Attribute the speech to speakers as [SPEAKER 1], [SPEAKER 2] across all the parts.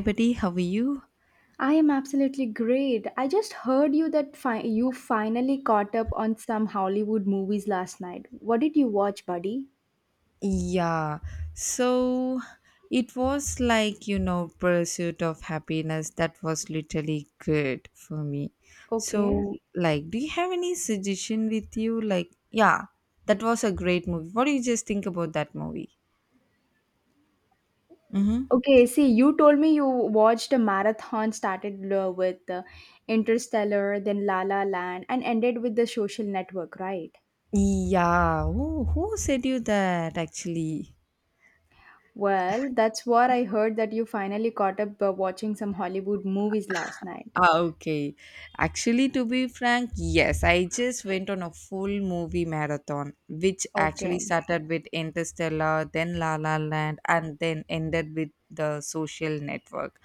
[SPEAKER 1] Buddy, how are you?
[SPEAKER 2] I am absolutely great. I just heard you that you finally caught up on some Hollywood movies last night. What did you watch, buddy?
[SPEAKER 1] Yeah, so it was like, Pursuit of Happiness. That was literally good for me.
[SPEAKER 2] Mm. Okay.
[SPEAKER 1] So, like, do you have any suggestion with you? Like, yeah, that was a great movie. What do you just think about that movie? Mm-hmm.
[SPEAKER 2] Okay, see, you told me you watched a marathon started with Interstellar, then La La Land, and ended with The Social Network, right?
[SPEAKER 1] Yeah, who said you that actually?
[SPEAKER 2] Well, that's what I heard that you finally caught up watching some Hollywood movies last night.
[SPEAKER 1] Ah, okay. Actually, to be frank, yes, I just went on a full movie marathon, which actually
[SPEAKER 2] Okay.
[SPEAKER 1] started with Interstellar, then La La Land, and then ended with The Social Network.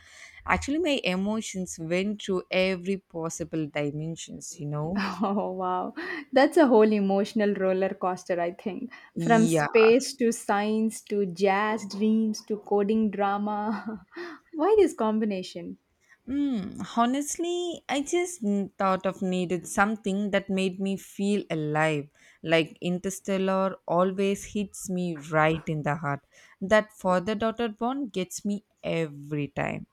[SPEAKER 1] Actually, my emotions went through every possible dimensions?
[SPEAKER 2] Oh, wow. That's a whole emotional roller coaster, I think. From
[SPEAKER 1] Yeah.
[SPEAKER 2] space to science to jazz dreams to coding drama. Why this combination?
[SPEAKER 1] Honestly, I just thought of needed something that made me feel alive. Like Interstellar always hits me right in the heart. That father-daughter bond gets me every time.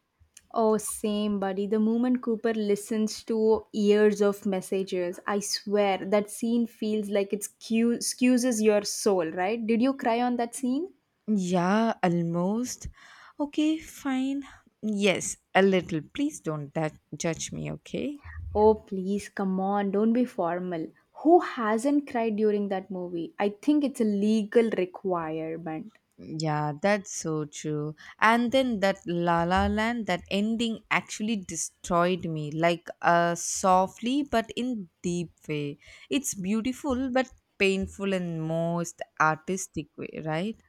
[SPEAKER 2] Oh, same, buddy. The moment Cooper listens to years of messages, I swear that scene feels like it skews your soul, right? Did you cry on that scene?
[SPEAKER 1] Yeah, almost. Okay, fine. Yes, a little. Please don't da- judge me, okay?
[SPEAKER 2] Oh, please, come on, don't be formal. Who hasn't cried during that movie? I think it's a legal requirement.
[SPEAKER 1] Yeah, that's so true. And then that La La Land, that ending actually destroyed me, like softly but in deep way. It's beautiful but painful in most artistic way, right?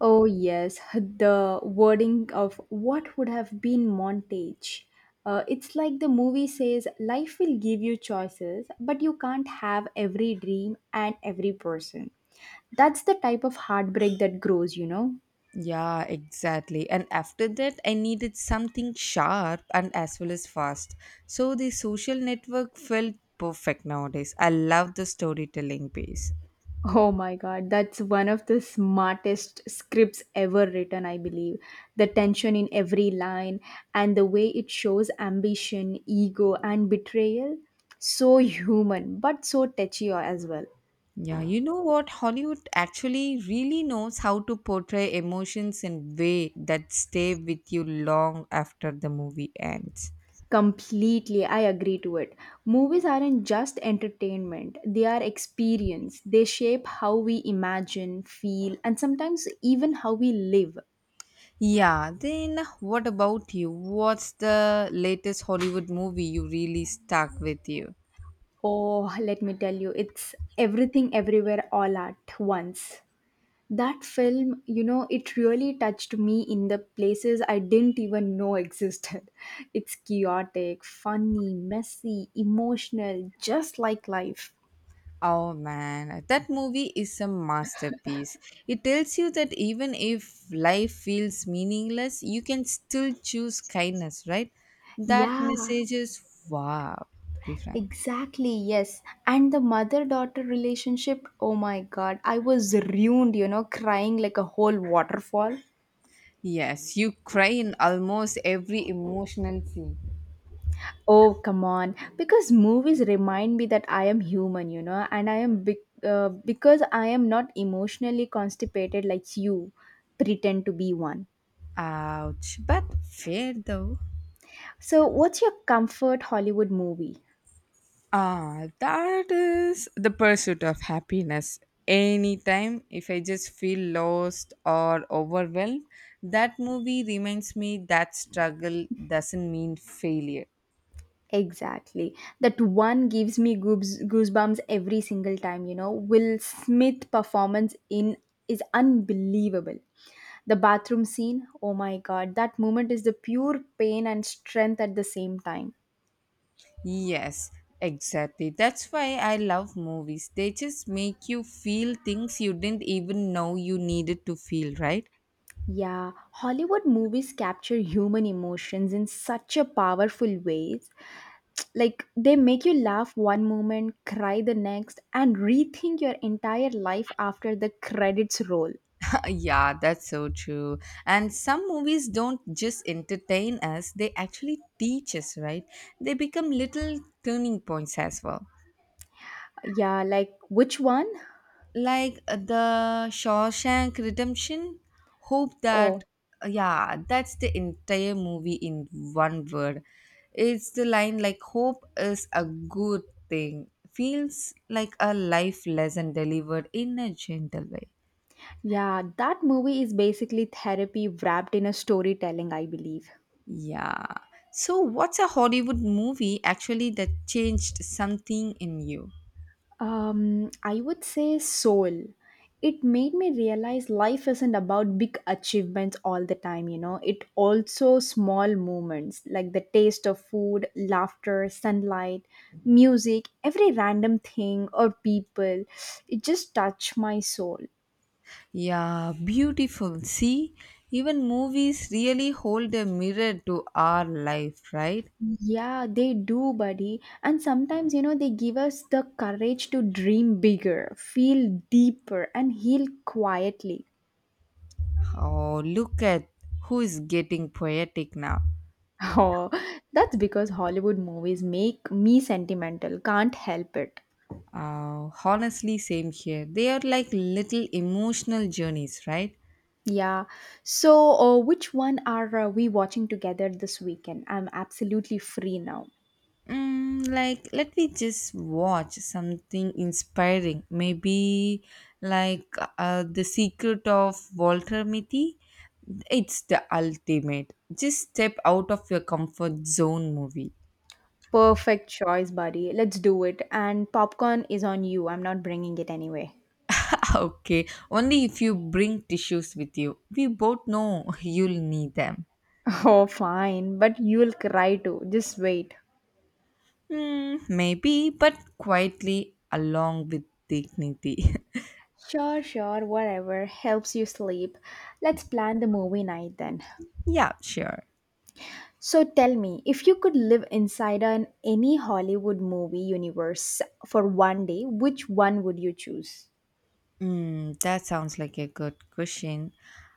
[SPEAKER 2] Oh, yes, the wording of what would have been montage. It's like the movie says life will give you choices, but you can't have every dream and every person. That's the type of heartbreak that grows, you know?
[SPEAKER 1] Yeah, exactly. And after that, I needed something sharp and as well as fast. So The Social Network felt perfect nowadays. I love the storytelling piece.
[SPEAKER 2] Oh my god, that's one of the smartest scripts ever written, I believe. The tension in every line and the way it shows ambition, ego, and betrayal. So human, but so touchy as well.
[SPEAKER 1] Yeah, you know what? Hollywood actually really knows how to portray emotions in way that stay with you long after the movie ends.
[SPEAKER 2] Completely, I agree to it. Movies aren't just entertainment, they are experience. They shape how we imagine, feel, and sometimes even how we live.
[SPEAKER 1] Yeah, then what about you? What's the latest Hollywood movie you really stuck with you?
[SPEAKER 2] Oh, let me tell you, it's everything everywhere all at once. That film, you know, it really touched me in the places I didn't even know existed. It's chaotic, funny, messy, emotional, just like life.
[SPEAKER 1] Oh man, that movie is a masterpiece. It tells you that even if life feels meaningless, you can still choose kindness, right? That
[SPEAKER 2] Yeah,
[SPEAKER 1] message is wow, to be frank.
[SPEAKER 2] exactly, yes. And the mother daughter relationship, oh my god, I was ruined, you know, crying like a whole waterfall.
[SPEAKER 1] Yes, you cry in almost every emotional scene.
[SPEAKER 2] Oh, come on. Because movies remind me that I am human, you know, and I am big. Because I am not emotionally constipated like you pretend to be one.
[SPEAKER 1] Ouch, but fair though.
[SPEAKER 2] So, what's your comfort Hollywood movie?
[SPEAKER 1] Ah, that is the Pursuit of Happiness. Anytime, if I just feel lost or overwhelmed, that movie reminds me that struggle doesn't mean failure.
[SPEAKER 2] Exactly. That one gives me goosebumps every single time, you know. Will Smith performance in is unbelievable. The bathroom scene, oh my god, that moment is the pure pain and strength at the same time.
[SPEAKER 1] Yes, exactly. That's why I love movies. They just make you feel things you didn't even know you needed to feel, right?
[SPEAKER 2] Yeah, Hollywood movies capture human emotions in such a powerful ways. Like they make you laugh one moment, cry the next, and rethink your entire life after the credits roll.
[SPEAKER 1] Yeah, that's so true. And some movies don't just entertain us, they actually teach us, right? They become little turning points as well.
[SPEAKER 2] Yeah, like which one?
[SPEAKER 1] Like the Shawshank Redemption, hope that,
[SPEAKER 2] Oh,
[SPEAKER 1] yeah, that's the entire movie in one word. It's the line like, hope is a good thing. Feels like a life lesson delivered in a gentle way.
[SPEAKER 2] yeah, that movie is basically therapy wrapped in a storytelling, I believe.
[SPEAKER 1] Yeah. So, what's a Hollywood movie actually that changed something in you?
[SPEAKER 2] I would say Soul. It made me realize life isn't about big achievements all the time, you know. It also small moments like the taste of food, laughter, sunlight, music, every random thing or people. It just touched my soul.
[SPEAKER 1] Yeah, beautiful. See, even movies really hold a mirror to our life, right?
[SPEAKER 2] Yeah, they do, buddy. And sometimes, you know, they give us the courage to dream bigger, feel deeper, and heal quietly.
[SPEAKER 1] Oh, look at who is getting poetic now.
[SPEAKER 2] Oh, that's because Hollywood movies make me sentimental. Can't help it.
[SPEAKER 1] Honestly, same here. They are like little emotional journeys, right?
[SPEAKER 2] Yeah. So, which one are we watching together this weekend? I'm absolutely free now.
[SPEAKER 1] Like let me just watch something inspiring maybe like The Secret of Walter Mitty. It's the ultimate just step out of your comfort zone movie.
[SPEAKER 2] Perfect choice, buddy. Let's do it. And popcorn is on you. I'm not bringing it anyway.
[SPEAKER 1] Okay, only if you bring tissues with you. We both know you'll need them.
[SPEAKER 2] Oh, fine. But you'll cry too. Just wait.
[SPEAKER 1] Hmm, maybe but quietly along with dignity.
[SPEAKER 2] Sure, sure, whatever helps you sleep. Let's plan the movie night then.
[SPEAKER 1] Yeah, sure.
[SPEAKER 2] So tell me, if you could live inside an any Hollywood movie universe for one day, which one would you choose?
[SPEAKER 1] That sounds like a good question.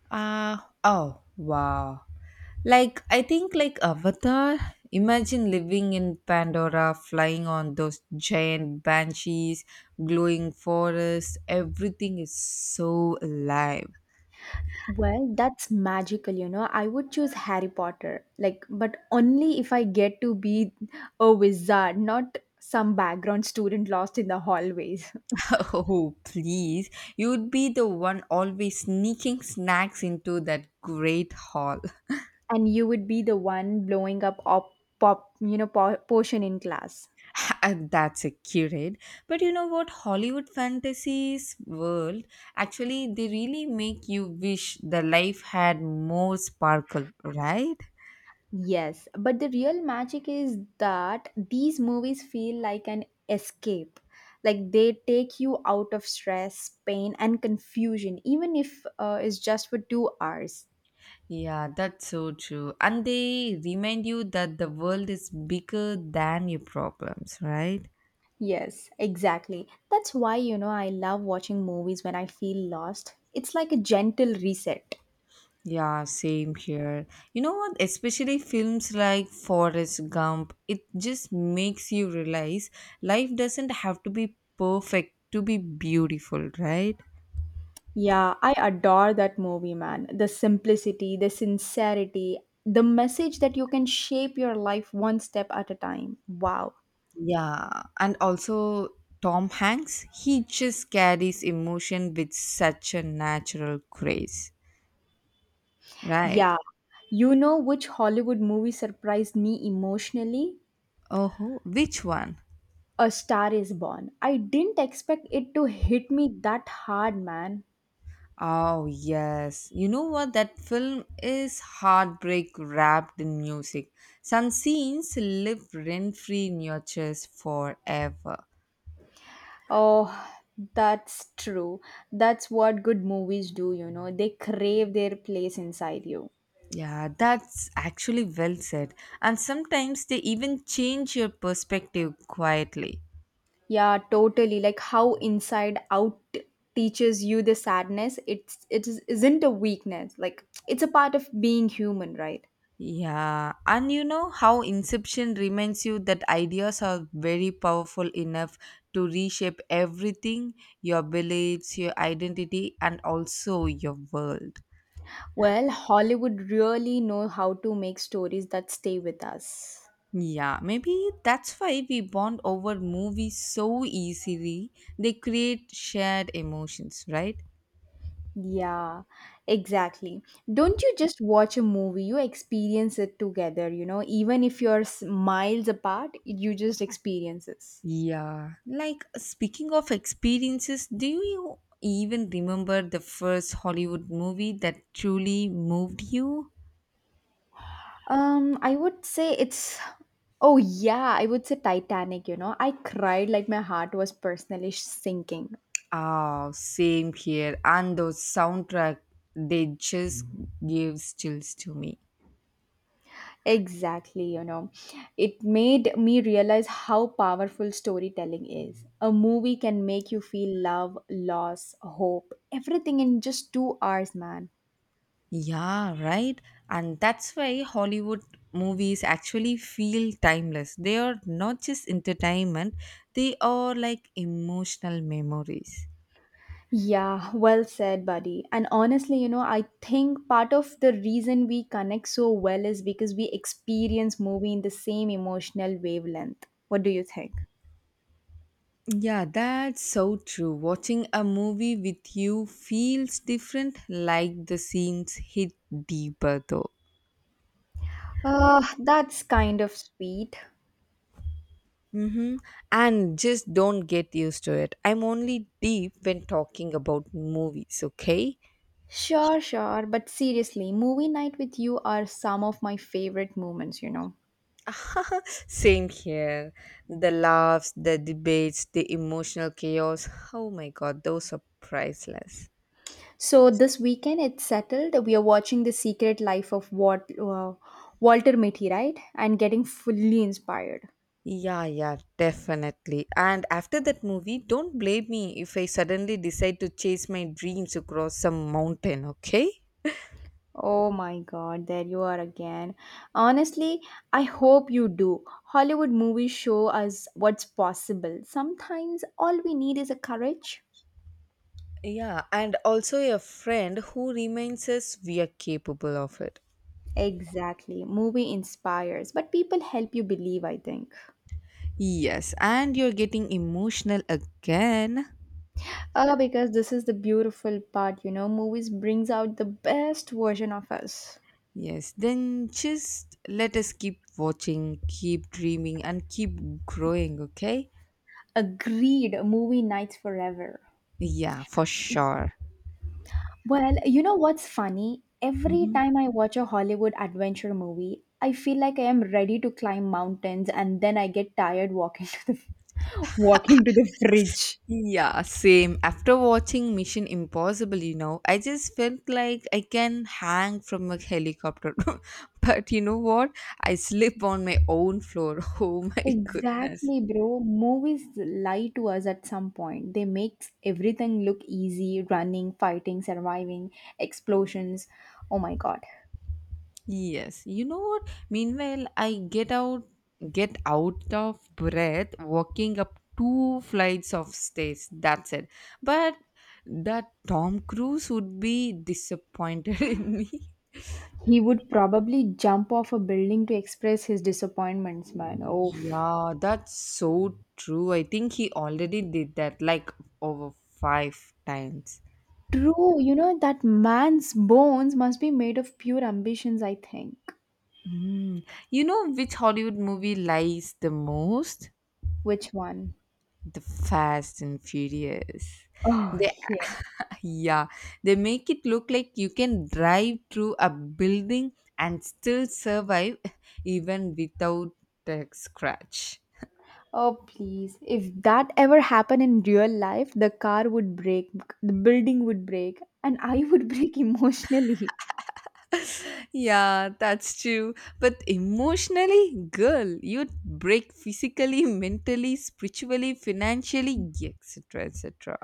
[SPEAKER 1] Uh, oh wow. Like I think like Avatar, imagine living in Pandora, flying on those giant banshees, glowing forests, everything is so alive.
[SPEAKER 2] Well, that's magical, you know. I would choose Harry Potter. Like, but only if I get to be a wizard, not some background student lost in the hallways.
[SPEAKER 1] Oh please. You'd be the one always sneaking snacks into that great hall.
[SPEAKER 2] And you would be the one blowing up pop, you know, potion in class.
[SPEAKER 1] And that's accurate. But you know what? Hollywood fantasies world actually they really make you wish the life had more sparkle, right?
[SPEAKER 2] Yes, but the real magic is that these movies feel like an escape. Like they take you out of stress, pain, and confusion, even if it's just for 2 hours.
[SPEAKER 1] Yeah, that's so true. And they remind you that the world is bigger than your problems, right?
[SPEAKER 2] Yes, exactly. That's why, you know, I love watching movies when I feel lost. It's like a gentle reset.
[SPEAKER 1] Yeah, same here. You know what? Especially films like Forrest Gump, it just makes you realize life doesn't have to be perfect to be beautiful, right?
[SPEAKER 2] Yeah, I adore that movie, man. The simplicity, the sincerity, the message that you can shape your life one step at a time. Wow.
[SPEAKER 1] Yeah, and also Tom Hanks, he just carries emotion with such a natural grace, right?
[SPEAKER 2] Yeah. You know which Hollywood movie surprised me emotionally?
[SPEAKER 1] Oh, which one?
[SPEAKER 2] A Star is Born. I didn't expect it to hit me that hard, man.
[SPEAKER 1] Oh, yes. You know what? That film is heartbreak wrapped in music. Some scenes live rent free in your chest forever.
[SPEAKER 2] Oh, that's true. That's what good movies do, you know. They crave their place inside you.
[SPEAKER 1] Yeah, that's actually well said. And sometimes they even change your perspective quietly.
[SPEAKER 2] Yeah, totally. Like how Inside Out teaches you the sadness, it isn't a weakness. Like it's a part of being human, right?
[SPEAKER 1] Yeah, and you know how Inception reminds you that ideas are very powerful enough to reshape everything, your beliefs, your identity, and also your world.
[SPEAKER 2] Well, Hollywood really know how to make stories that stay with us.
[SPEAKER 1] Yeah, maybe that's why we bond over movies so easily. They create shared emotions, right?
[SPEAKER 2] Yeah, exactly. Don't you just watch a movie, you experience it together, you know, even if you're miles apart, you just experience it.
[SPEAKER 1] Yeah, like speaking of experiences, do you even remember the first Hollywood movie that truly moved you?
[SPEAKER 2] I would say it's oh yeah, I would say Titanic, you know. I cried like my heart was personally sinking.
[SPEAKER 1] Oh, same here. And those soundtrack, they just give chills to me.
[SPEAKER 2] Exactly, you know. It made me realize how powerful storytelling is. A movie can make you feel love, loss, hope, everything in just 2 hours, man.
[SPEAKER 1] Yeah, right. And that's why Hollywood movies actually feel timeless. They are not just entertainment, they are like emotional memories.
[SPEAKER 2] Yeah, well said, buddy. And honestly, you know, I think part of the reason we connect so well is because we experience movie in the same emotional wavelength. What do you think?
[SPEAKER 1] Yeah, that's so true. Watching a movie with you feels different, like the scenes hit deeper though.
[SPEAKER 2] That's kind of sweet.
[SPEAKER 1] Mm-hmm. And just don't get used to it. I'm only deep when talking about movies, okay?
[SPEAKER 2] Sure, sure. But seriously, movie night with you are some of my favorite moments, you know.
[SPEAKER 1] Same here. The laughs, the debates, the emotional chaos. Oh my god, those are priceless.
[SPEAKER 2] So this weekend it's settled. We are watching The Secret Life of Walter Mitty, right? And getting fully inspired.
[SPEAKER 1] Yeah, yeah, definitely. And after that movie, don't blame me if I suddenly decide to chase my dreams across some mountain, okay?
[SPEAKER 2] Oh my god, there you are again. Honestly, I hope you do. Hollywood movies show us what's possible. Sometimes all we need is a courage.
[SPEAKER 1] Yeah, and also a friend who reminds us we are capable of it.
[SPEAKER 2] Exactly. Movie inspires, but people help you believe, I think.
[SPEAKER 1] Yes, and you're getting emotional again.
[SPEAKER 2] Ah, because this is the beautiful part, you know, movies brings out the best version of us.
[SPEAKER 1] Yes, then just let us keep watching, keep dreaming, and keep growing, okay?
[SPEAKER 2] Agreed, movie nights forever.
[SPEAKER 1] Yeah, for sure.
[SPEAKER 2] Well, you know what's funny? Every
[SPEAKER 1] Hmm.
[SPEAKER 2] time I watch a Hollywood adventure movie, I feel like I am ready to climb mountains and then I get tired walking to the walking to the fridge.
[SPEAKER 1] Yeah, same. After watching Mission Impossible, you know, I just felt like I can hang from a helicopter. But you know what? I slip on my own floor. Oh my goodness.
[SPEAKER 2] Exactly, bro. Movies lie to us at some point. They make everything look easy running, fighting, surviving, explosions. Oh my god.
[SPEAKER 1] Yes, you know what? Meanwhile, I get out of breath walking up two flights of stairs. That's it. But that Tom Cruise would be disappointed in me.
[SPEAKER 2] He would probably jump off a building to express his disappointments, man. Oh,
[SPEAKER 1] Yeah, that's so true. I think he already did that like over 5 times.
[SPEAKER 2] true. You know, that man's bones must be made of pure ambitions, I think.
[SPEAKER 1] Mm. You know which Hollywood movie lies the most?
[SPEAKER 2] Which one?
[SPEAKER 1] The Fast and Furious.
[SPEAKER 2] Oh,
[SPEAKER 1] They
[SPEAKER 2] yeah.
[SPEAKER 1] Yeah, they make it look like you can drive through a building and still survive even without a scratch.
[SPEAKER 2] Oh, please. If that ever happened in real life, the car would break, the building would break, and I would break emotionally.
[SPEAKER 1] Yeah, that's true. But emotionally, girl, you'd break physically, mentally, spiritually, financially, etc. etc.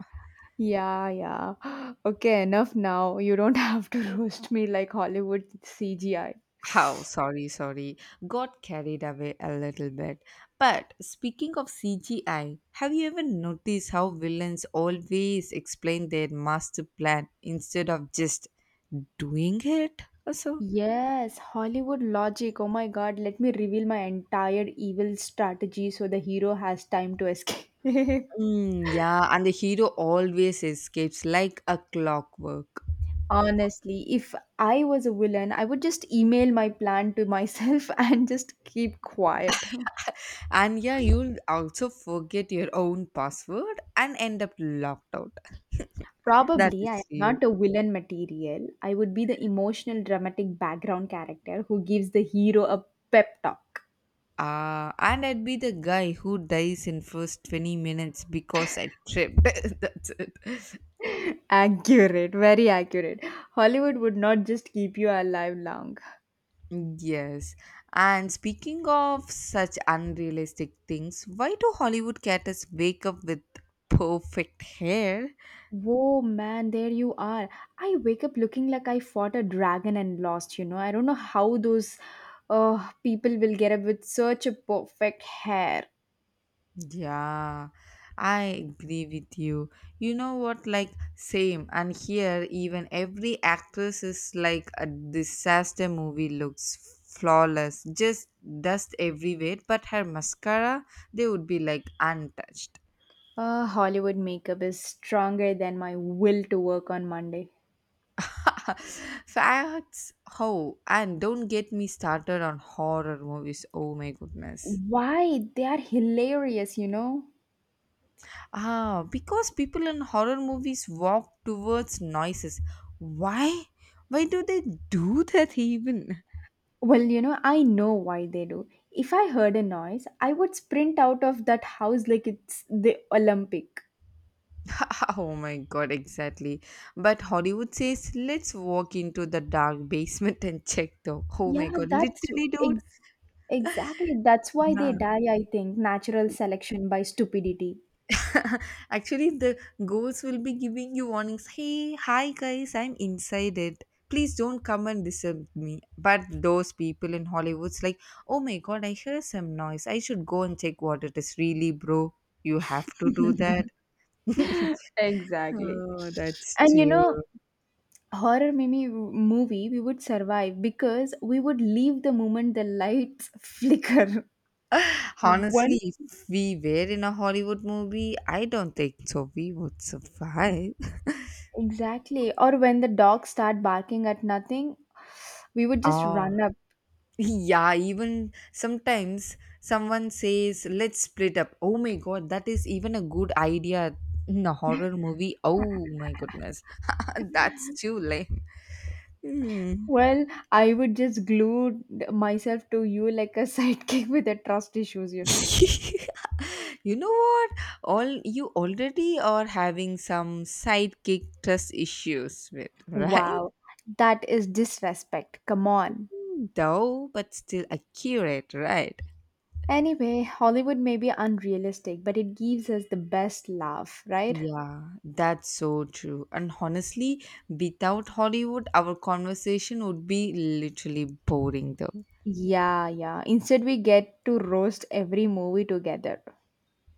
[SPEAKER 2] Yeah, yeah. Okay, enough now. You don't have to roast me like Hollywood CGI.
[SPEAKER 1] How sorry, got carried away a little bit. But speaking of CGI, have you ever noticed how villains always explain their master plan instead of just doing it? Also,
[SPEAKER 2] Yes, Hollywood logic. Oh my god, let me reveal my entire evil strategy so the hero has time to escape.
[SPEAKER 1] Yeah, and the hero always escapes like a clockwork.
[SPEAKER 2] Honestly, if I was a villain, I would just email my plan to myself and just keep quiet.
[SPEAKER 1] And yeah, you'll also forget your own password and end up locked out. That
[SPEAKER 2] Probably I am
[SPEAKER 1] is real.
[SPEAKER 2] not a villain material. I would be the emotional, dramatic background character who gives the hero a pep talk.
[SPEAKER 1] And I'd be the guy who dies in first 20 minutes because I tripped. That's it.
[SPEAKER 2] Accurate, very accurate. Hollywood would not just keep you alive long.
[SPEAKER 1] Yes. And speaking of such unrealistic things, why do Hollywood characters wake up with perfect hair?
[SPEAKER 2] Whoa, man, there you are. I wake up looking like I fought a dragon and lost, you know. I don't know how those people will get up with such a perfect hair.
[SPEAKER 1] Yeah, I agree with you. You know what? Like, same. And here, even every actress is like a disaster movie looks flawless, just dust everywhere. But her mascara, they would be like untouched.
[SPEAKER 2] Hollywood makeup is stronger than my will to work on Monday.
[SPEAKER 1] Facts, how? And don't get me started on horror movies. Oh my goodness.
[SPEAKER 2] Why? They are hilarious, you know.
[SPEAKER 1] Ah, because people in horror movies walk towards noises. Why? Why do they do that even?
[SPEAKER 2] Well, you know, I know why they do. If I heard a noise, I would sprint out of that house like it's the Olympic.
[SPEAKER 1] Oh my god, exactly. But Hollywood says, let's walk into the dark basement and check though. Oh my
[SPEAKER 2] Yeah,
[SPEAKER 1] god,
[SPEAKER 2] that's
[SPEAKER 1] literally, dude.
[SPEAKER 2] ex- exactly. That's why they
[SPEAKER 1] Yeah.
[SPEAKER 2] die, I think. Natural selection by stupidity.
[SPEAKER 1] Actually, the ghost will be giving you warnings. Hey, hi guys, I'm inside it. Please don't come and disturb me. But those people in Hollywood's like, oh my god, I hear some noise. I should go and check what it is. Really, bro, you have to do that.
[SPEAKER 2] exactly.
[SPEAKER 1] Oh, that's
[SPEAKER 2] And you know,
[SPEAKER 1] true.
[SPEAKER 2] horror mimi movie, we would survive because we would leave the moment the lights flicker.
[SPEAKER 1] Honestly,
[SPEAKER 2] One
[SPEAKER 1] if we were in a Hollywood movie, I don't think so. We would survive.
[SPEAKER 2] exactly, or when the dogs start barking at nothing, we would just
[SPEAKER 1] Oh,
[SPEAKER 2] run up.
[SPEAKER 1] yeah, even sometimes someone says, let's split up. Oh my god, that is even a good idea in a horror movie. Oh my goodness, that's too lame. Hmm.
[SPEAKER 2] Well, I would just glue myself to you like a sidekick with the trust issues, you know.
[SPEAKER 1] You know what? All you already are having some sidekick trust issues with, right?
[SPEAKER 2] Wow, that is disrespect. Come on.
[SPEAKER 1] Though, but still accurate, right?
[SPEAKER 2] Anyway, Hollywood may be unrealistic, but it gives us the best laugh, right?
[SPEAKER 1] Yeah, that's so true. And honestly, without Hollywood, our conversation would be literally boring though.
[SPEAKER 2] Yeah, yeah. Instead, we get to roast every movie together.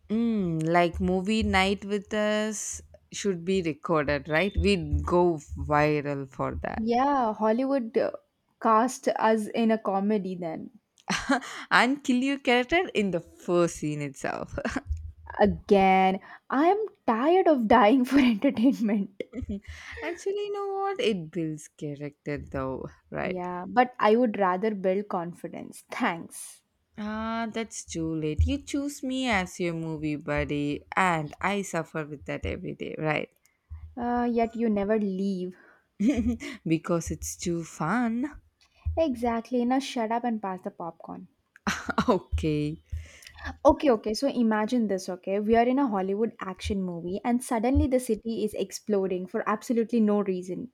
[SPEAKER 1] Mm, like movie night with us should be recorded, right? We'd go viral for that.
[SPEAKER 2] Yeah, Hollywood cast us in a comedy then.
[SPEAKER 1] And kill your character in the first scene itself.
[SPEAKER 2] Again, I am tired of dying for entertainment.
[SPEAKER 1] Actually, you know what? It builds character though, right?
[SPEAKER 2] Yeah, but I would rather build confidence. Thanks.
[SPEAKER 1] Ah, that's too late. You choose me as your movie buddy, and I suffer with that every day, right?
[SPEAKER 2] Yet you never leave.
[SPEAKER 1] Because it's too fun.
[SPEAKER 2] Exactly. Now shut up and pass the popcorn.
[SPEAKER 1] Okay.
[SPEAKER 2] Okay, okay. So imagine this, okay? We are in a Hollywood action movie, and suddenly the city is exploding for absolutely no reason.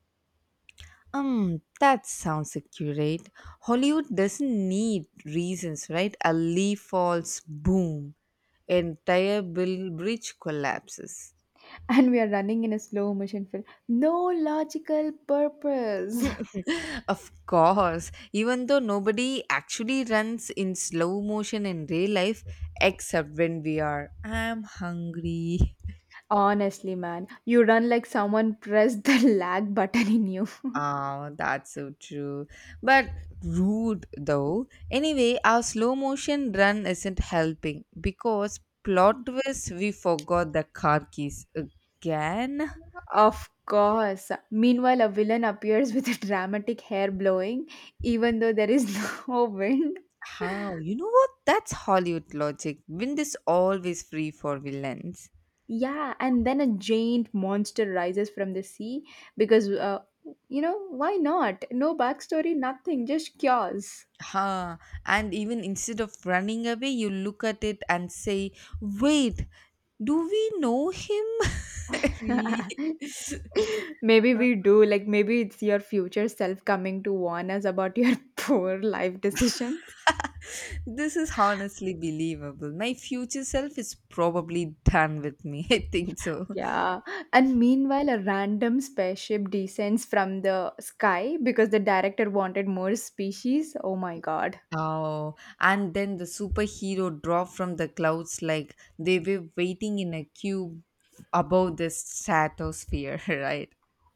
[SPEAKER 1] That sounds accurate. Hollywood doesn't need reasons, right? A leaf falls, boom, entire bill bridge collapses.
[SPEAKER 2] And we are running in a slow motion film. No logical purpose.
[SPEAKER 1] Of course, even though nobody actually runs in slow motion in real life, except when we are. I'm hungry.
[SPEAKER 2] Honestly, man, you run like someone pressed the lag button in you.
[SPEAKER 1] Oh, that's so true. But rude though. Anyway, our slow motion run isn't helping because plot twist we forgot the car keys again.
[SPEAKER 2] Of course. Meanwhile, a villain appears with a dramatic hair blowing, even though there is no wind.
[SPEAKER 1] How? You know what? That's Hollywood logic. Wind is always free for villains.
[SPEAKER 2] Yeah, and then a giant monster rises from the sea because, you know, why not? No backstory, nothing, just chaos.
[SPEAKER 1] Ha! And even instead of running away, you look at it and say, wait, do we know him? Really?
[SPEAKER 2] maybe we do, like, maybe it's your future self coming to warn us about your poor life decisions.
[SPEAKER 1] This is honestly believable. My future self is probably done with me. I think so.
[SPEAKER 2] Yeah, and meanwhile, a random spaceship descends from the sky because the director wanted more species. Oh my god.
[SPEAKER 1] Oh, and then the superhero drop from the clouds like they were waiting in a cube above the stratosphere, right?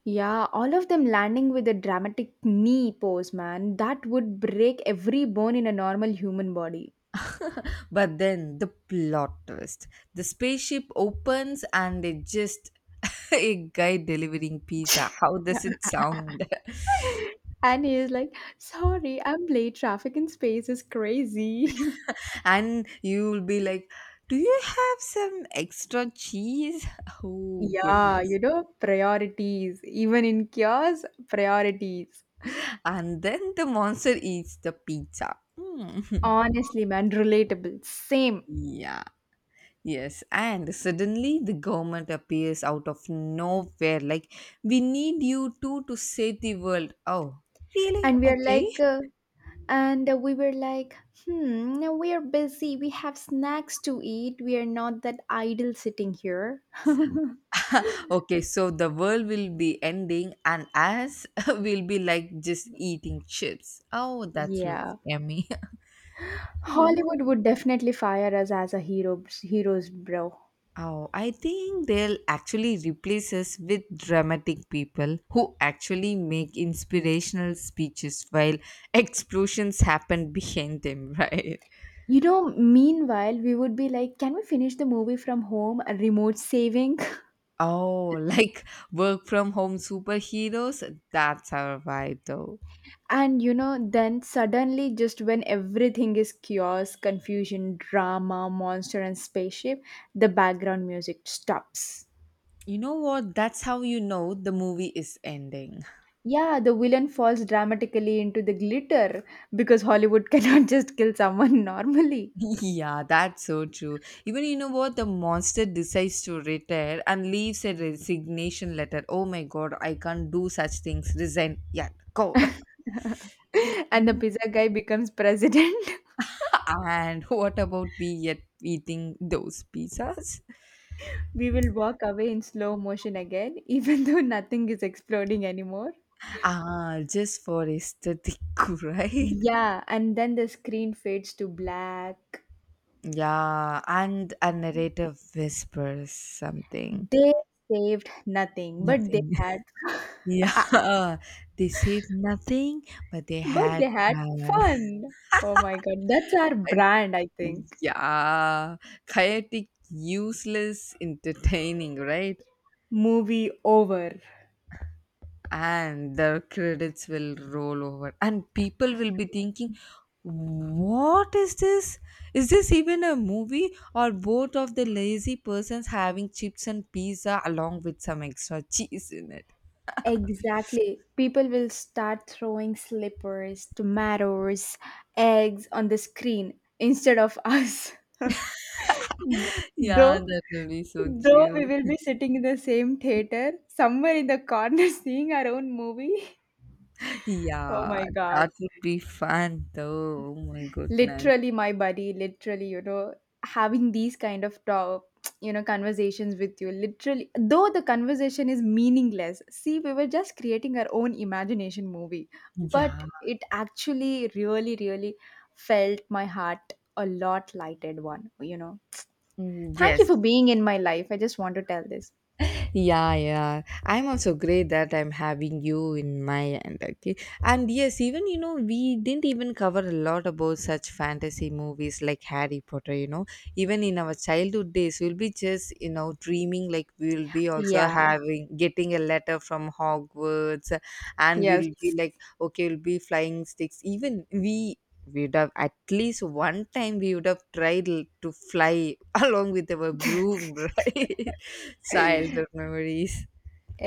[SPEAKER 2] Yeah, all of them landing with a dramatic knee pose, man. That would break every bone in a normal human body.
[SPEAKER 1] But then the plot twist. The spaceship opens and they just a guy delivering pizza. How does it
[SPEAKER 2] Yeah,
[SPEAKER 1] sound?
[SPEAKER 2] and he is like, sorry, I'm late. Traffic in space is crazy.
[SPEAKER 1] And you will be like, do you have some extra cheese? Oh
[SPEAKER 2] Yeah,
[SPEAKER 1] goodness.
[SPEAKER 2] priorities. Even in cures, priorities.
[SPEAKER 1] And then the monster eats the pizza. Mm.
[SPEAKER 2] Honestly, man, relatable. Same.
[SPEAKER 1] Yeah. Yes, and suddenly the government appears out of nowhere like, we need you two to save the world. Oh really,
[SPEAKER 2] And we are
[SPEAKER 1] okay.
[SPEAKER 2] like, and we were like, hmm, we are busy. We have snacks to eat. We are not that idle sitting here.
[SPEAKER 1] Okay, so the world will be ending and us will be like just eating chips. Oh, that looks
[SPEAKER 2] Yeah.
[SPEAKER 1] yummy.
[SPEAKER 2] Hollywood would definitely fire us as a hero heroes, bro.
[SPEAKER 1] Oh, I think they'll actually replace us with dramatic people who actually make inspirational speeches while explosions happen behind them, right?
[SPEAKER 2] You know, meanwhile, we would be like, can we finish the movie from home, a remote saving?
[SPEAKER 1] Oh, like work from home superheroes? That's our vibe, though.
[SPEAKER 2] And you know, then suddenly, just when everything is chaos, confusion, drama, monster, and spaceship, the background music stops.
[SPEAKER 1] You know what? That's how you know the movie is ending.
[SPEAKER 2] Yeah, the villain falls dramatically into the glitter because Hollywood cannot just kill someone normally.
[SPEAKER 1] Yeah, that's so true. Even you know what? The monster decides to retire and leaves a resignation letter. Oh my god, I can't do such things. Resign. Yeah, go.
[SPEAKER 2] And the pizza guy becomes president.
[SPEAKER 1] And what about we yet eating those pizzas?
[SPEAKER 2] We will walk away in slow motion again, even though nothing is exploding anymore.
[SPEAKER 1] Ah, just for aesthetic, right?
[SPEAKER 2] Yeah, and then the screen fades to black.
[SPEAKER 1] Yeah, and a narrative whispers something.
[SPEAKER 2] They saved nothing, but they
[SPEAKER 1] Nothing.
[SPEAKER 2] had
[SPEAKER 1] Yeah, they said nothing, but they
[SPEAKER 2] but
[SPEAKER 1] had
[SPEAKER 2] they had
[SPEAKER 1] fun.
[SPEAKER 2] fun. Oh my god, that's our
[SPEAKER 1] I-
[SPEAKER 2] brand, I think.
[SPEAKER 1] yeah, chaotic, useless, entertaining, right?
[SPEAKER 2] Movie over.
[SPEAKER 1] And the credits will roll over and people will be thinking, what is this? Is this even a movie, or both of the lazy persons having chips and pizza along with some extra cheese in it?
[SPEAKER 2] Exactly. People will start throwing slippers, tomatoes, eggs on the screen instead of us.
[SPEAKER 1] Yeah,
[SPEAKER 2] Though
[SPEAKER 1] that will be so
[SPEAKER 2] Though
[SPEAKER 1] chill.
[SPEAKER 2] we will be sitting in the same theater, somewhere in the corner seeing our own movie. Oh
[SPEAKER 1] Yeah,
[SPEAKER 2] my god.
[SPEAKER 1] that would be fun though. Oh my goodness.
[SPEAKER 2] Literally my buddy, literally, having these kind of talk, conversations with you. Literally though the conversation is meaningless. See, we were just creating our own imagination movie. But
[SPEAKER 1] Yeah.
[SPEAKER 2] it actually really, really felt my heart a lot lighted one,
[SPEAKER 1] Mm,
[SPEAKER 2] Thank you
[SPEAKER 1] yes.
[SPEAKER 2] for being in my life. I just want to tell this.
[SPEAKER 1] Yeah, I'm also great that I'm having you in my end. Okay. And yes, even you know, we didn't even cover a lot about such fantasy movies like Harry Potter, you know. Even in our childhood days we'll be just, you know, dreaming like we'll be also
[SPEAKER 2] Yeah.
[SPEAKER 1] having getting a letter from Hogwarts. And
[SPEAKER 2] Yes.
[SPEAKER 1] we'll be like, okay, we'll be flying sticks. Even we we would have at least one time we would have tried to fly along with our broom. Right? Childhood memories.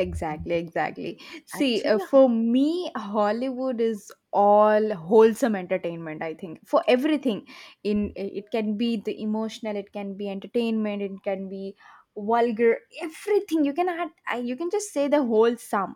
[SPEAKER 2] Exactly, exactly. See,
[SPEAKER 1] Actually,
[SPEAKER 2] for me Hollywood is all wholesome entertainment, I think. For everything in it can be the emotional, it can be entertainment, it can be vulgar. Everything you can add. You can just say the wholesome.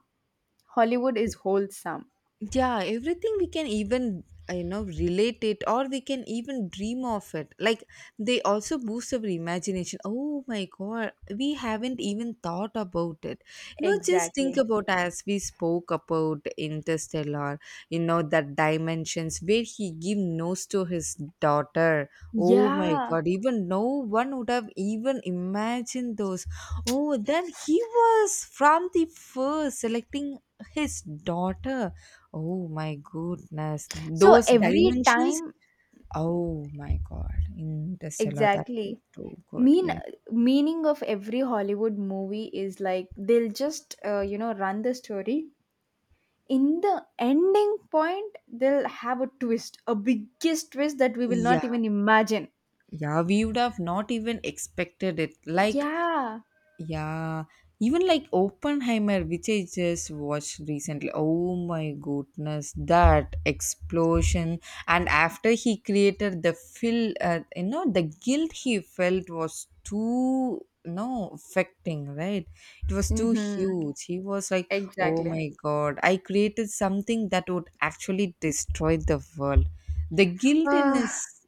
[SPEAKER 2] Hollywood is wholesome.
[SPEAKER 1] yeah, everything we can even you know, relate it, or we can even dream of it. Like, they also boost our imagination. Oh my god, we haven't even thought about it. You know, just think
[SPEAKER 2] Exactly.
[SPEAKER 1] about, as we spoke about Interstellar, you know, that dimensions where he give nose to his daughter. Oh my
[SPEAKER 2] Yeah,
[SPEAKER 1] god, even no one would have even imagined those. Oh, then he was from the first selecting his daughter. Oh my goodness.
[SPEAKER 2] so
[SPEAKER 1] Those
[SPEAKER 2] every
[SPEAKER 1] dimensions?
[SPEAKER 2] time,
[SPEAKER 1] Oh my God. Interstellar. That was
[SPEAKER 2] exactly,
[SPEAKER 1] too good.
[SPEAKER 2] mean
[SPEAKER 1] Yeah.
[SPEAKER 2] meaning of every Hollywood movie is like, they'll just run the story. In the ending point, they'll have a twist, a biggest twist that we will not
[SPEAKER 1] Yeah.
[SPEAKER 2] even imagine.
[SPEAKER 1] Yeah. We would have not even expected it. Like,
[SPEAKER 2] Yeah.
[SPEAKER 1] yeah, even like Oppenheimer, which I just watched recently. Oh my goodness, that explosion! And after he created the feel, you know, the guilt he felt was too no affecting, right? It was too
[SPEAKER 2] Mm-hmm.
[SPEAKER 1] huge. He was like, oh
[SPEAKER 2] Exactly.
[SPEAKER 1] my god, I created something that would actually destroy the world. The guilt in
[SPEAKER 2] uh,
[SPEAKER 1] his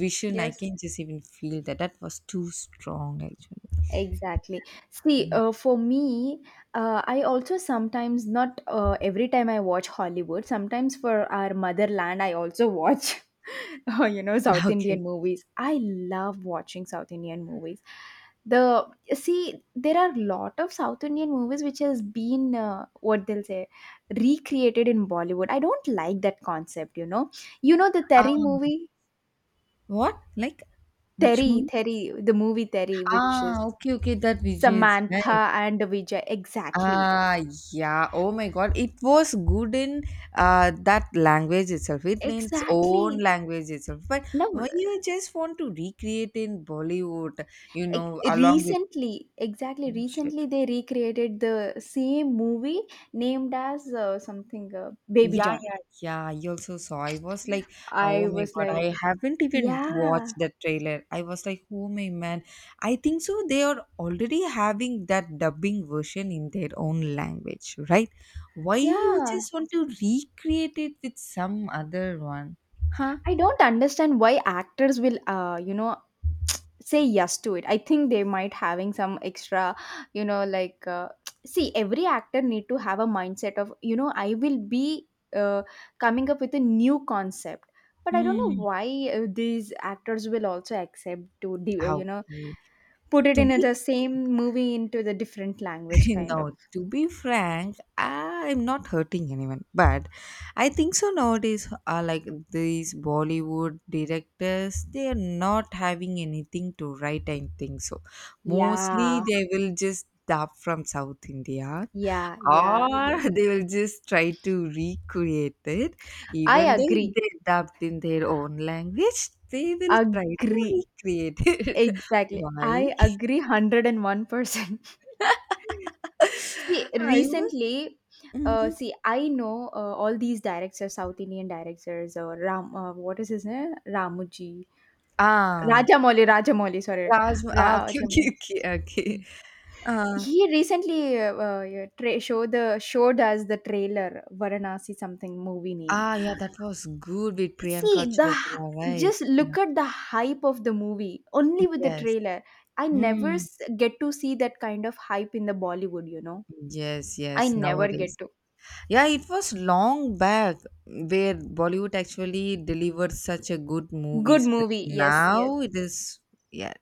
[SPEAKER 1] vision, I
[SPEAKER 2] yes.
[SPEAKER 1] can just even feel that. That was too strong actually.
[SPEAKER 2] Exactly. See, for me, I also sometimes, not every time I watch Hollywood, sometimes for our motherland, I also watch, South
[SPEAKER 1] Okay.
[SPEAKER 2] Indian movies. I love watching South Indian movies. The See, there are lot of South Indian movies which has been, what they'll say, recreated in Bollywood. I don't like that concept, you know. You know the
[SPEAKER 1] Uh,
[SPEAKER 2] Terry movie,
[SPEAKER 1] What? Like, which movie?
[SPEAKER 2] The movie Terry, which
[SPEAKER 1] Ah,
[SPEAKER 2] is
[SPEAKER 1] okay, okay, that Vijay is right.
[SPEAKER 2] Samantha and Vijay. Exactly.
[SPEAKER 1] Ah, yeah. Oh my God, it was good in that language itself, it in its own
[SPEAKER 2] Exactly.
[SPEAKER 1] language itself. But
[SPEAKER 2] Now,
[SPEAKER 1] when you just want to recreate in Bollywood, you
[SPEAKER 2] e-
[SPEAKER 1] know, along with
[SPEAKER 2] recently, exactly,
[SPEAKER 1] oh shit.
[SPEAKER 2] recently they recreated the same movie named as something, Baby
[SPEAKER 1] Yeah,
[SPEAKER 2] John.
[SPEAKER 1] yeah, yeah. You also saw. I was like, oh
[SPEAKER 2] I
[SPEAKER 1] my
[SPEAKER 2] was
[SPEAKER 1] God, I
[SPEAKER 2] like,
[SPEAKER 1] haven't even
[SPEAKER 2] yeah,
[SPEAKER 1] watched the trailer. I was like, oh my man. I think so they are already having that dubbing version in their own language, right? Why you
[SPEAKER 2] yeah.
[SPEAKER 1] just want to recreate it with some other one? Huh?
[SPEAKER 2] I don't understand why actors will, say yes to it. I think they might having some extra, you know, like, see, every actor need to have a mindset of, you know, I will be uh, coming up with a new concept. But I don't know
[SPEAKER 1] Hmm.
[SPEAKER 2] why, these actors will also accept to you know,
[SPEAKER 1] Okay.
[SPEAKER 2] put it
[SPEAKER 1] To
[SPEAKER 2] in
[SPEAKER 1] be
[SPEAKER 2] the same movie into the different language kind of.
[SPEAKER 1] no, to be frank, I'm not hurting anyone, but I think so nowadays are like these Bollywood directors, they are not having anything to write, I think so. Mostly
[SPEAKER 2] yeah
[SPEAKER 1] they will just dub from South India,
[SPEAKER 2] yeah yeah yeah
[SPEAKER 1] or they will just try to recreate it.
[SPEAKER 2] I
[SPEAKER 1] Even though if
[SPEAKER 2] agree,
[SPEAKER 1] they dubbed in their own language, they will try to
[SPEAKER 2] agree
[SPEAKER 1] recreate it.
[SPEAKER 2] exactly, I
[SPEAKER 1] Why?
[SPEAKER 2] agree 101%. See,
[SPEAKER 1] I was.
[SPEAKER 2] recently,
[SPEAKER 1] Mhm.
[SPEAKER 2] see, I know, all these directors, South Indian directors, or Ram, what is his name?
[SPEAKER 1] Ah,
[SPEAKER 2] Rajamouli, sorry,
[SPEAKER 1] Rajma. Ah, okay, okay,
[SPEAKER 2] Rajamouli.
[SPEAKER 1] okay, okay. Uh,
[SPEAKER 2] He recently, yeah, showed us the trailer, Varanasi something movie name.
[SPEAKER 1] ah, yeah, that was good with Priyanka
[SPEAKER 2] See the,
[SPEAKER 1] Chopra, right?
[SPEAKER 2] just
[SPEAKER 1] Yeah.
[SPEAKER 2] look at the hype of the movie only with the
[SPEAKER 1] Yes.
[SPEAKER 2] trailer. I never
[SPEAKER 1] Mm.
[SPEAKER 2] get to see that kind of hype in the Bollywood. You know,
[SPEAKER 1] Yes,
[SPEAKER 2] I
[SPEAKER 1] yes,
[SPEAKER 2] never
[SPEAKER 1] nowadays.
[SPEAKER 2] get to.
[SPEAKER 1] Yeah, it was long back where Bollywood actually delivered such a good
[SPEAKER 2] Good
[SPEAKER 1] movies, but
[SPEAKER 2] movie, yes, yes
[SPEAKER 1] now it is, yeah,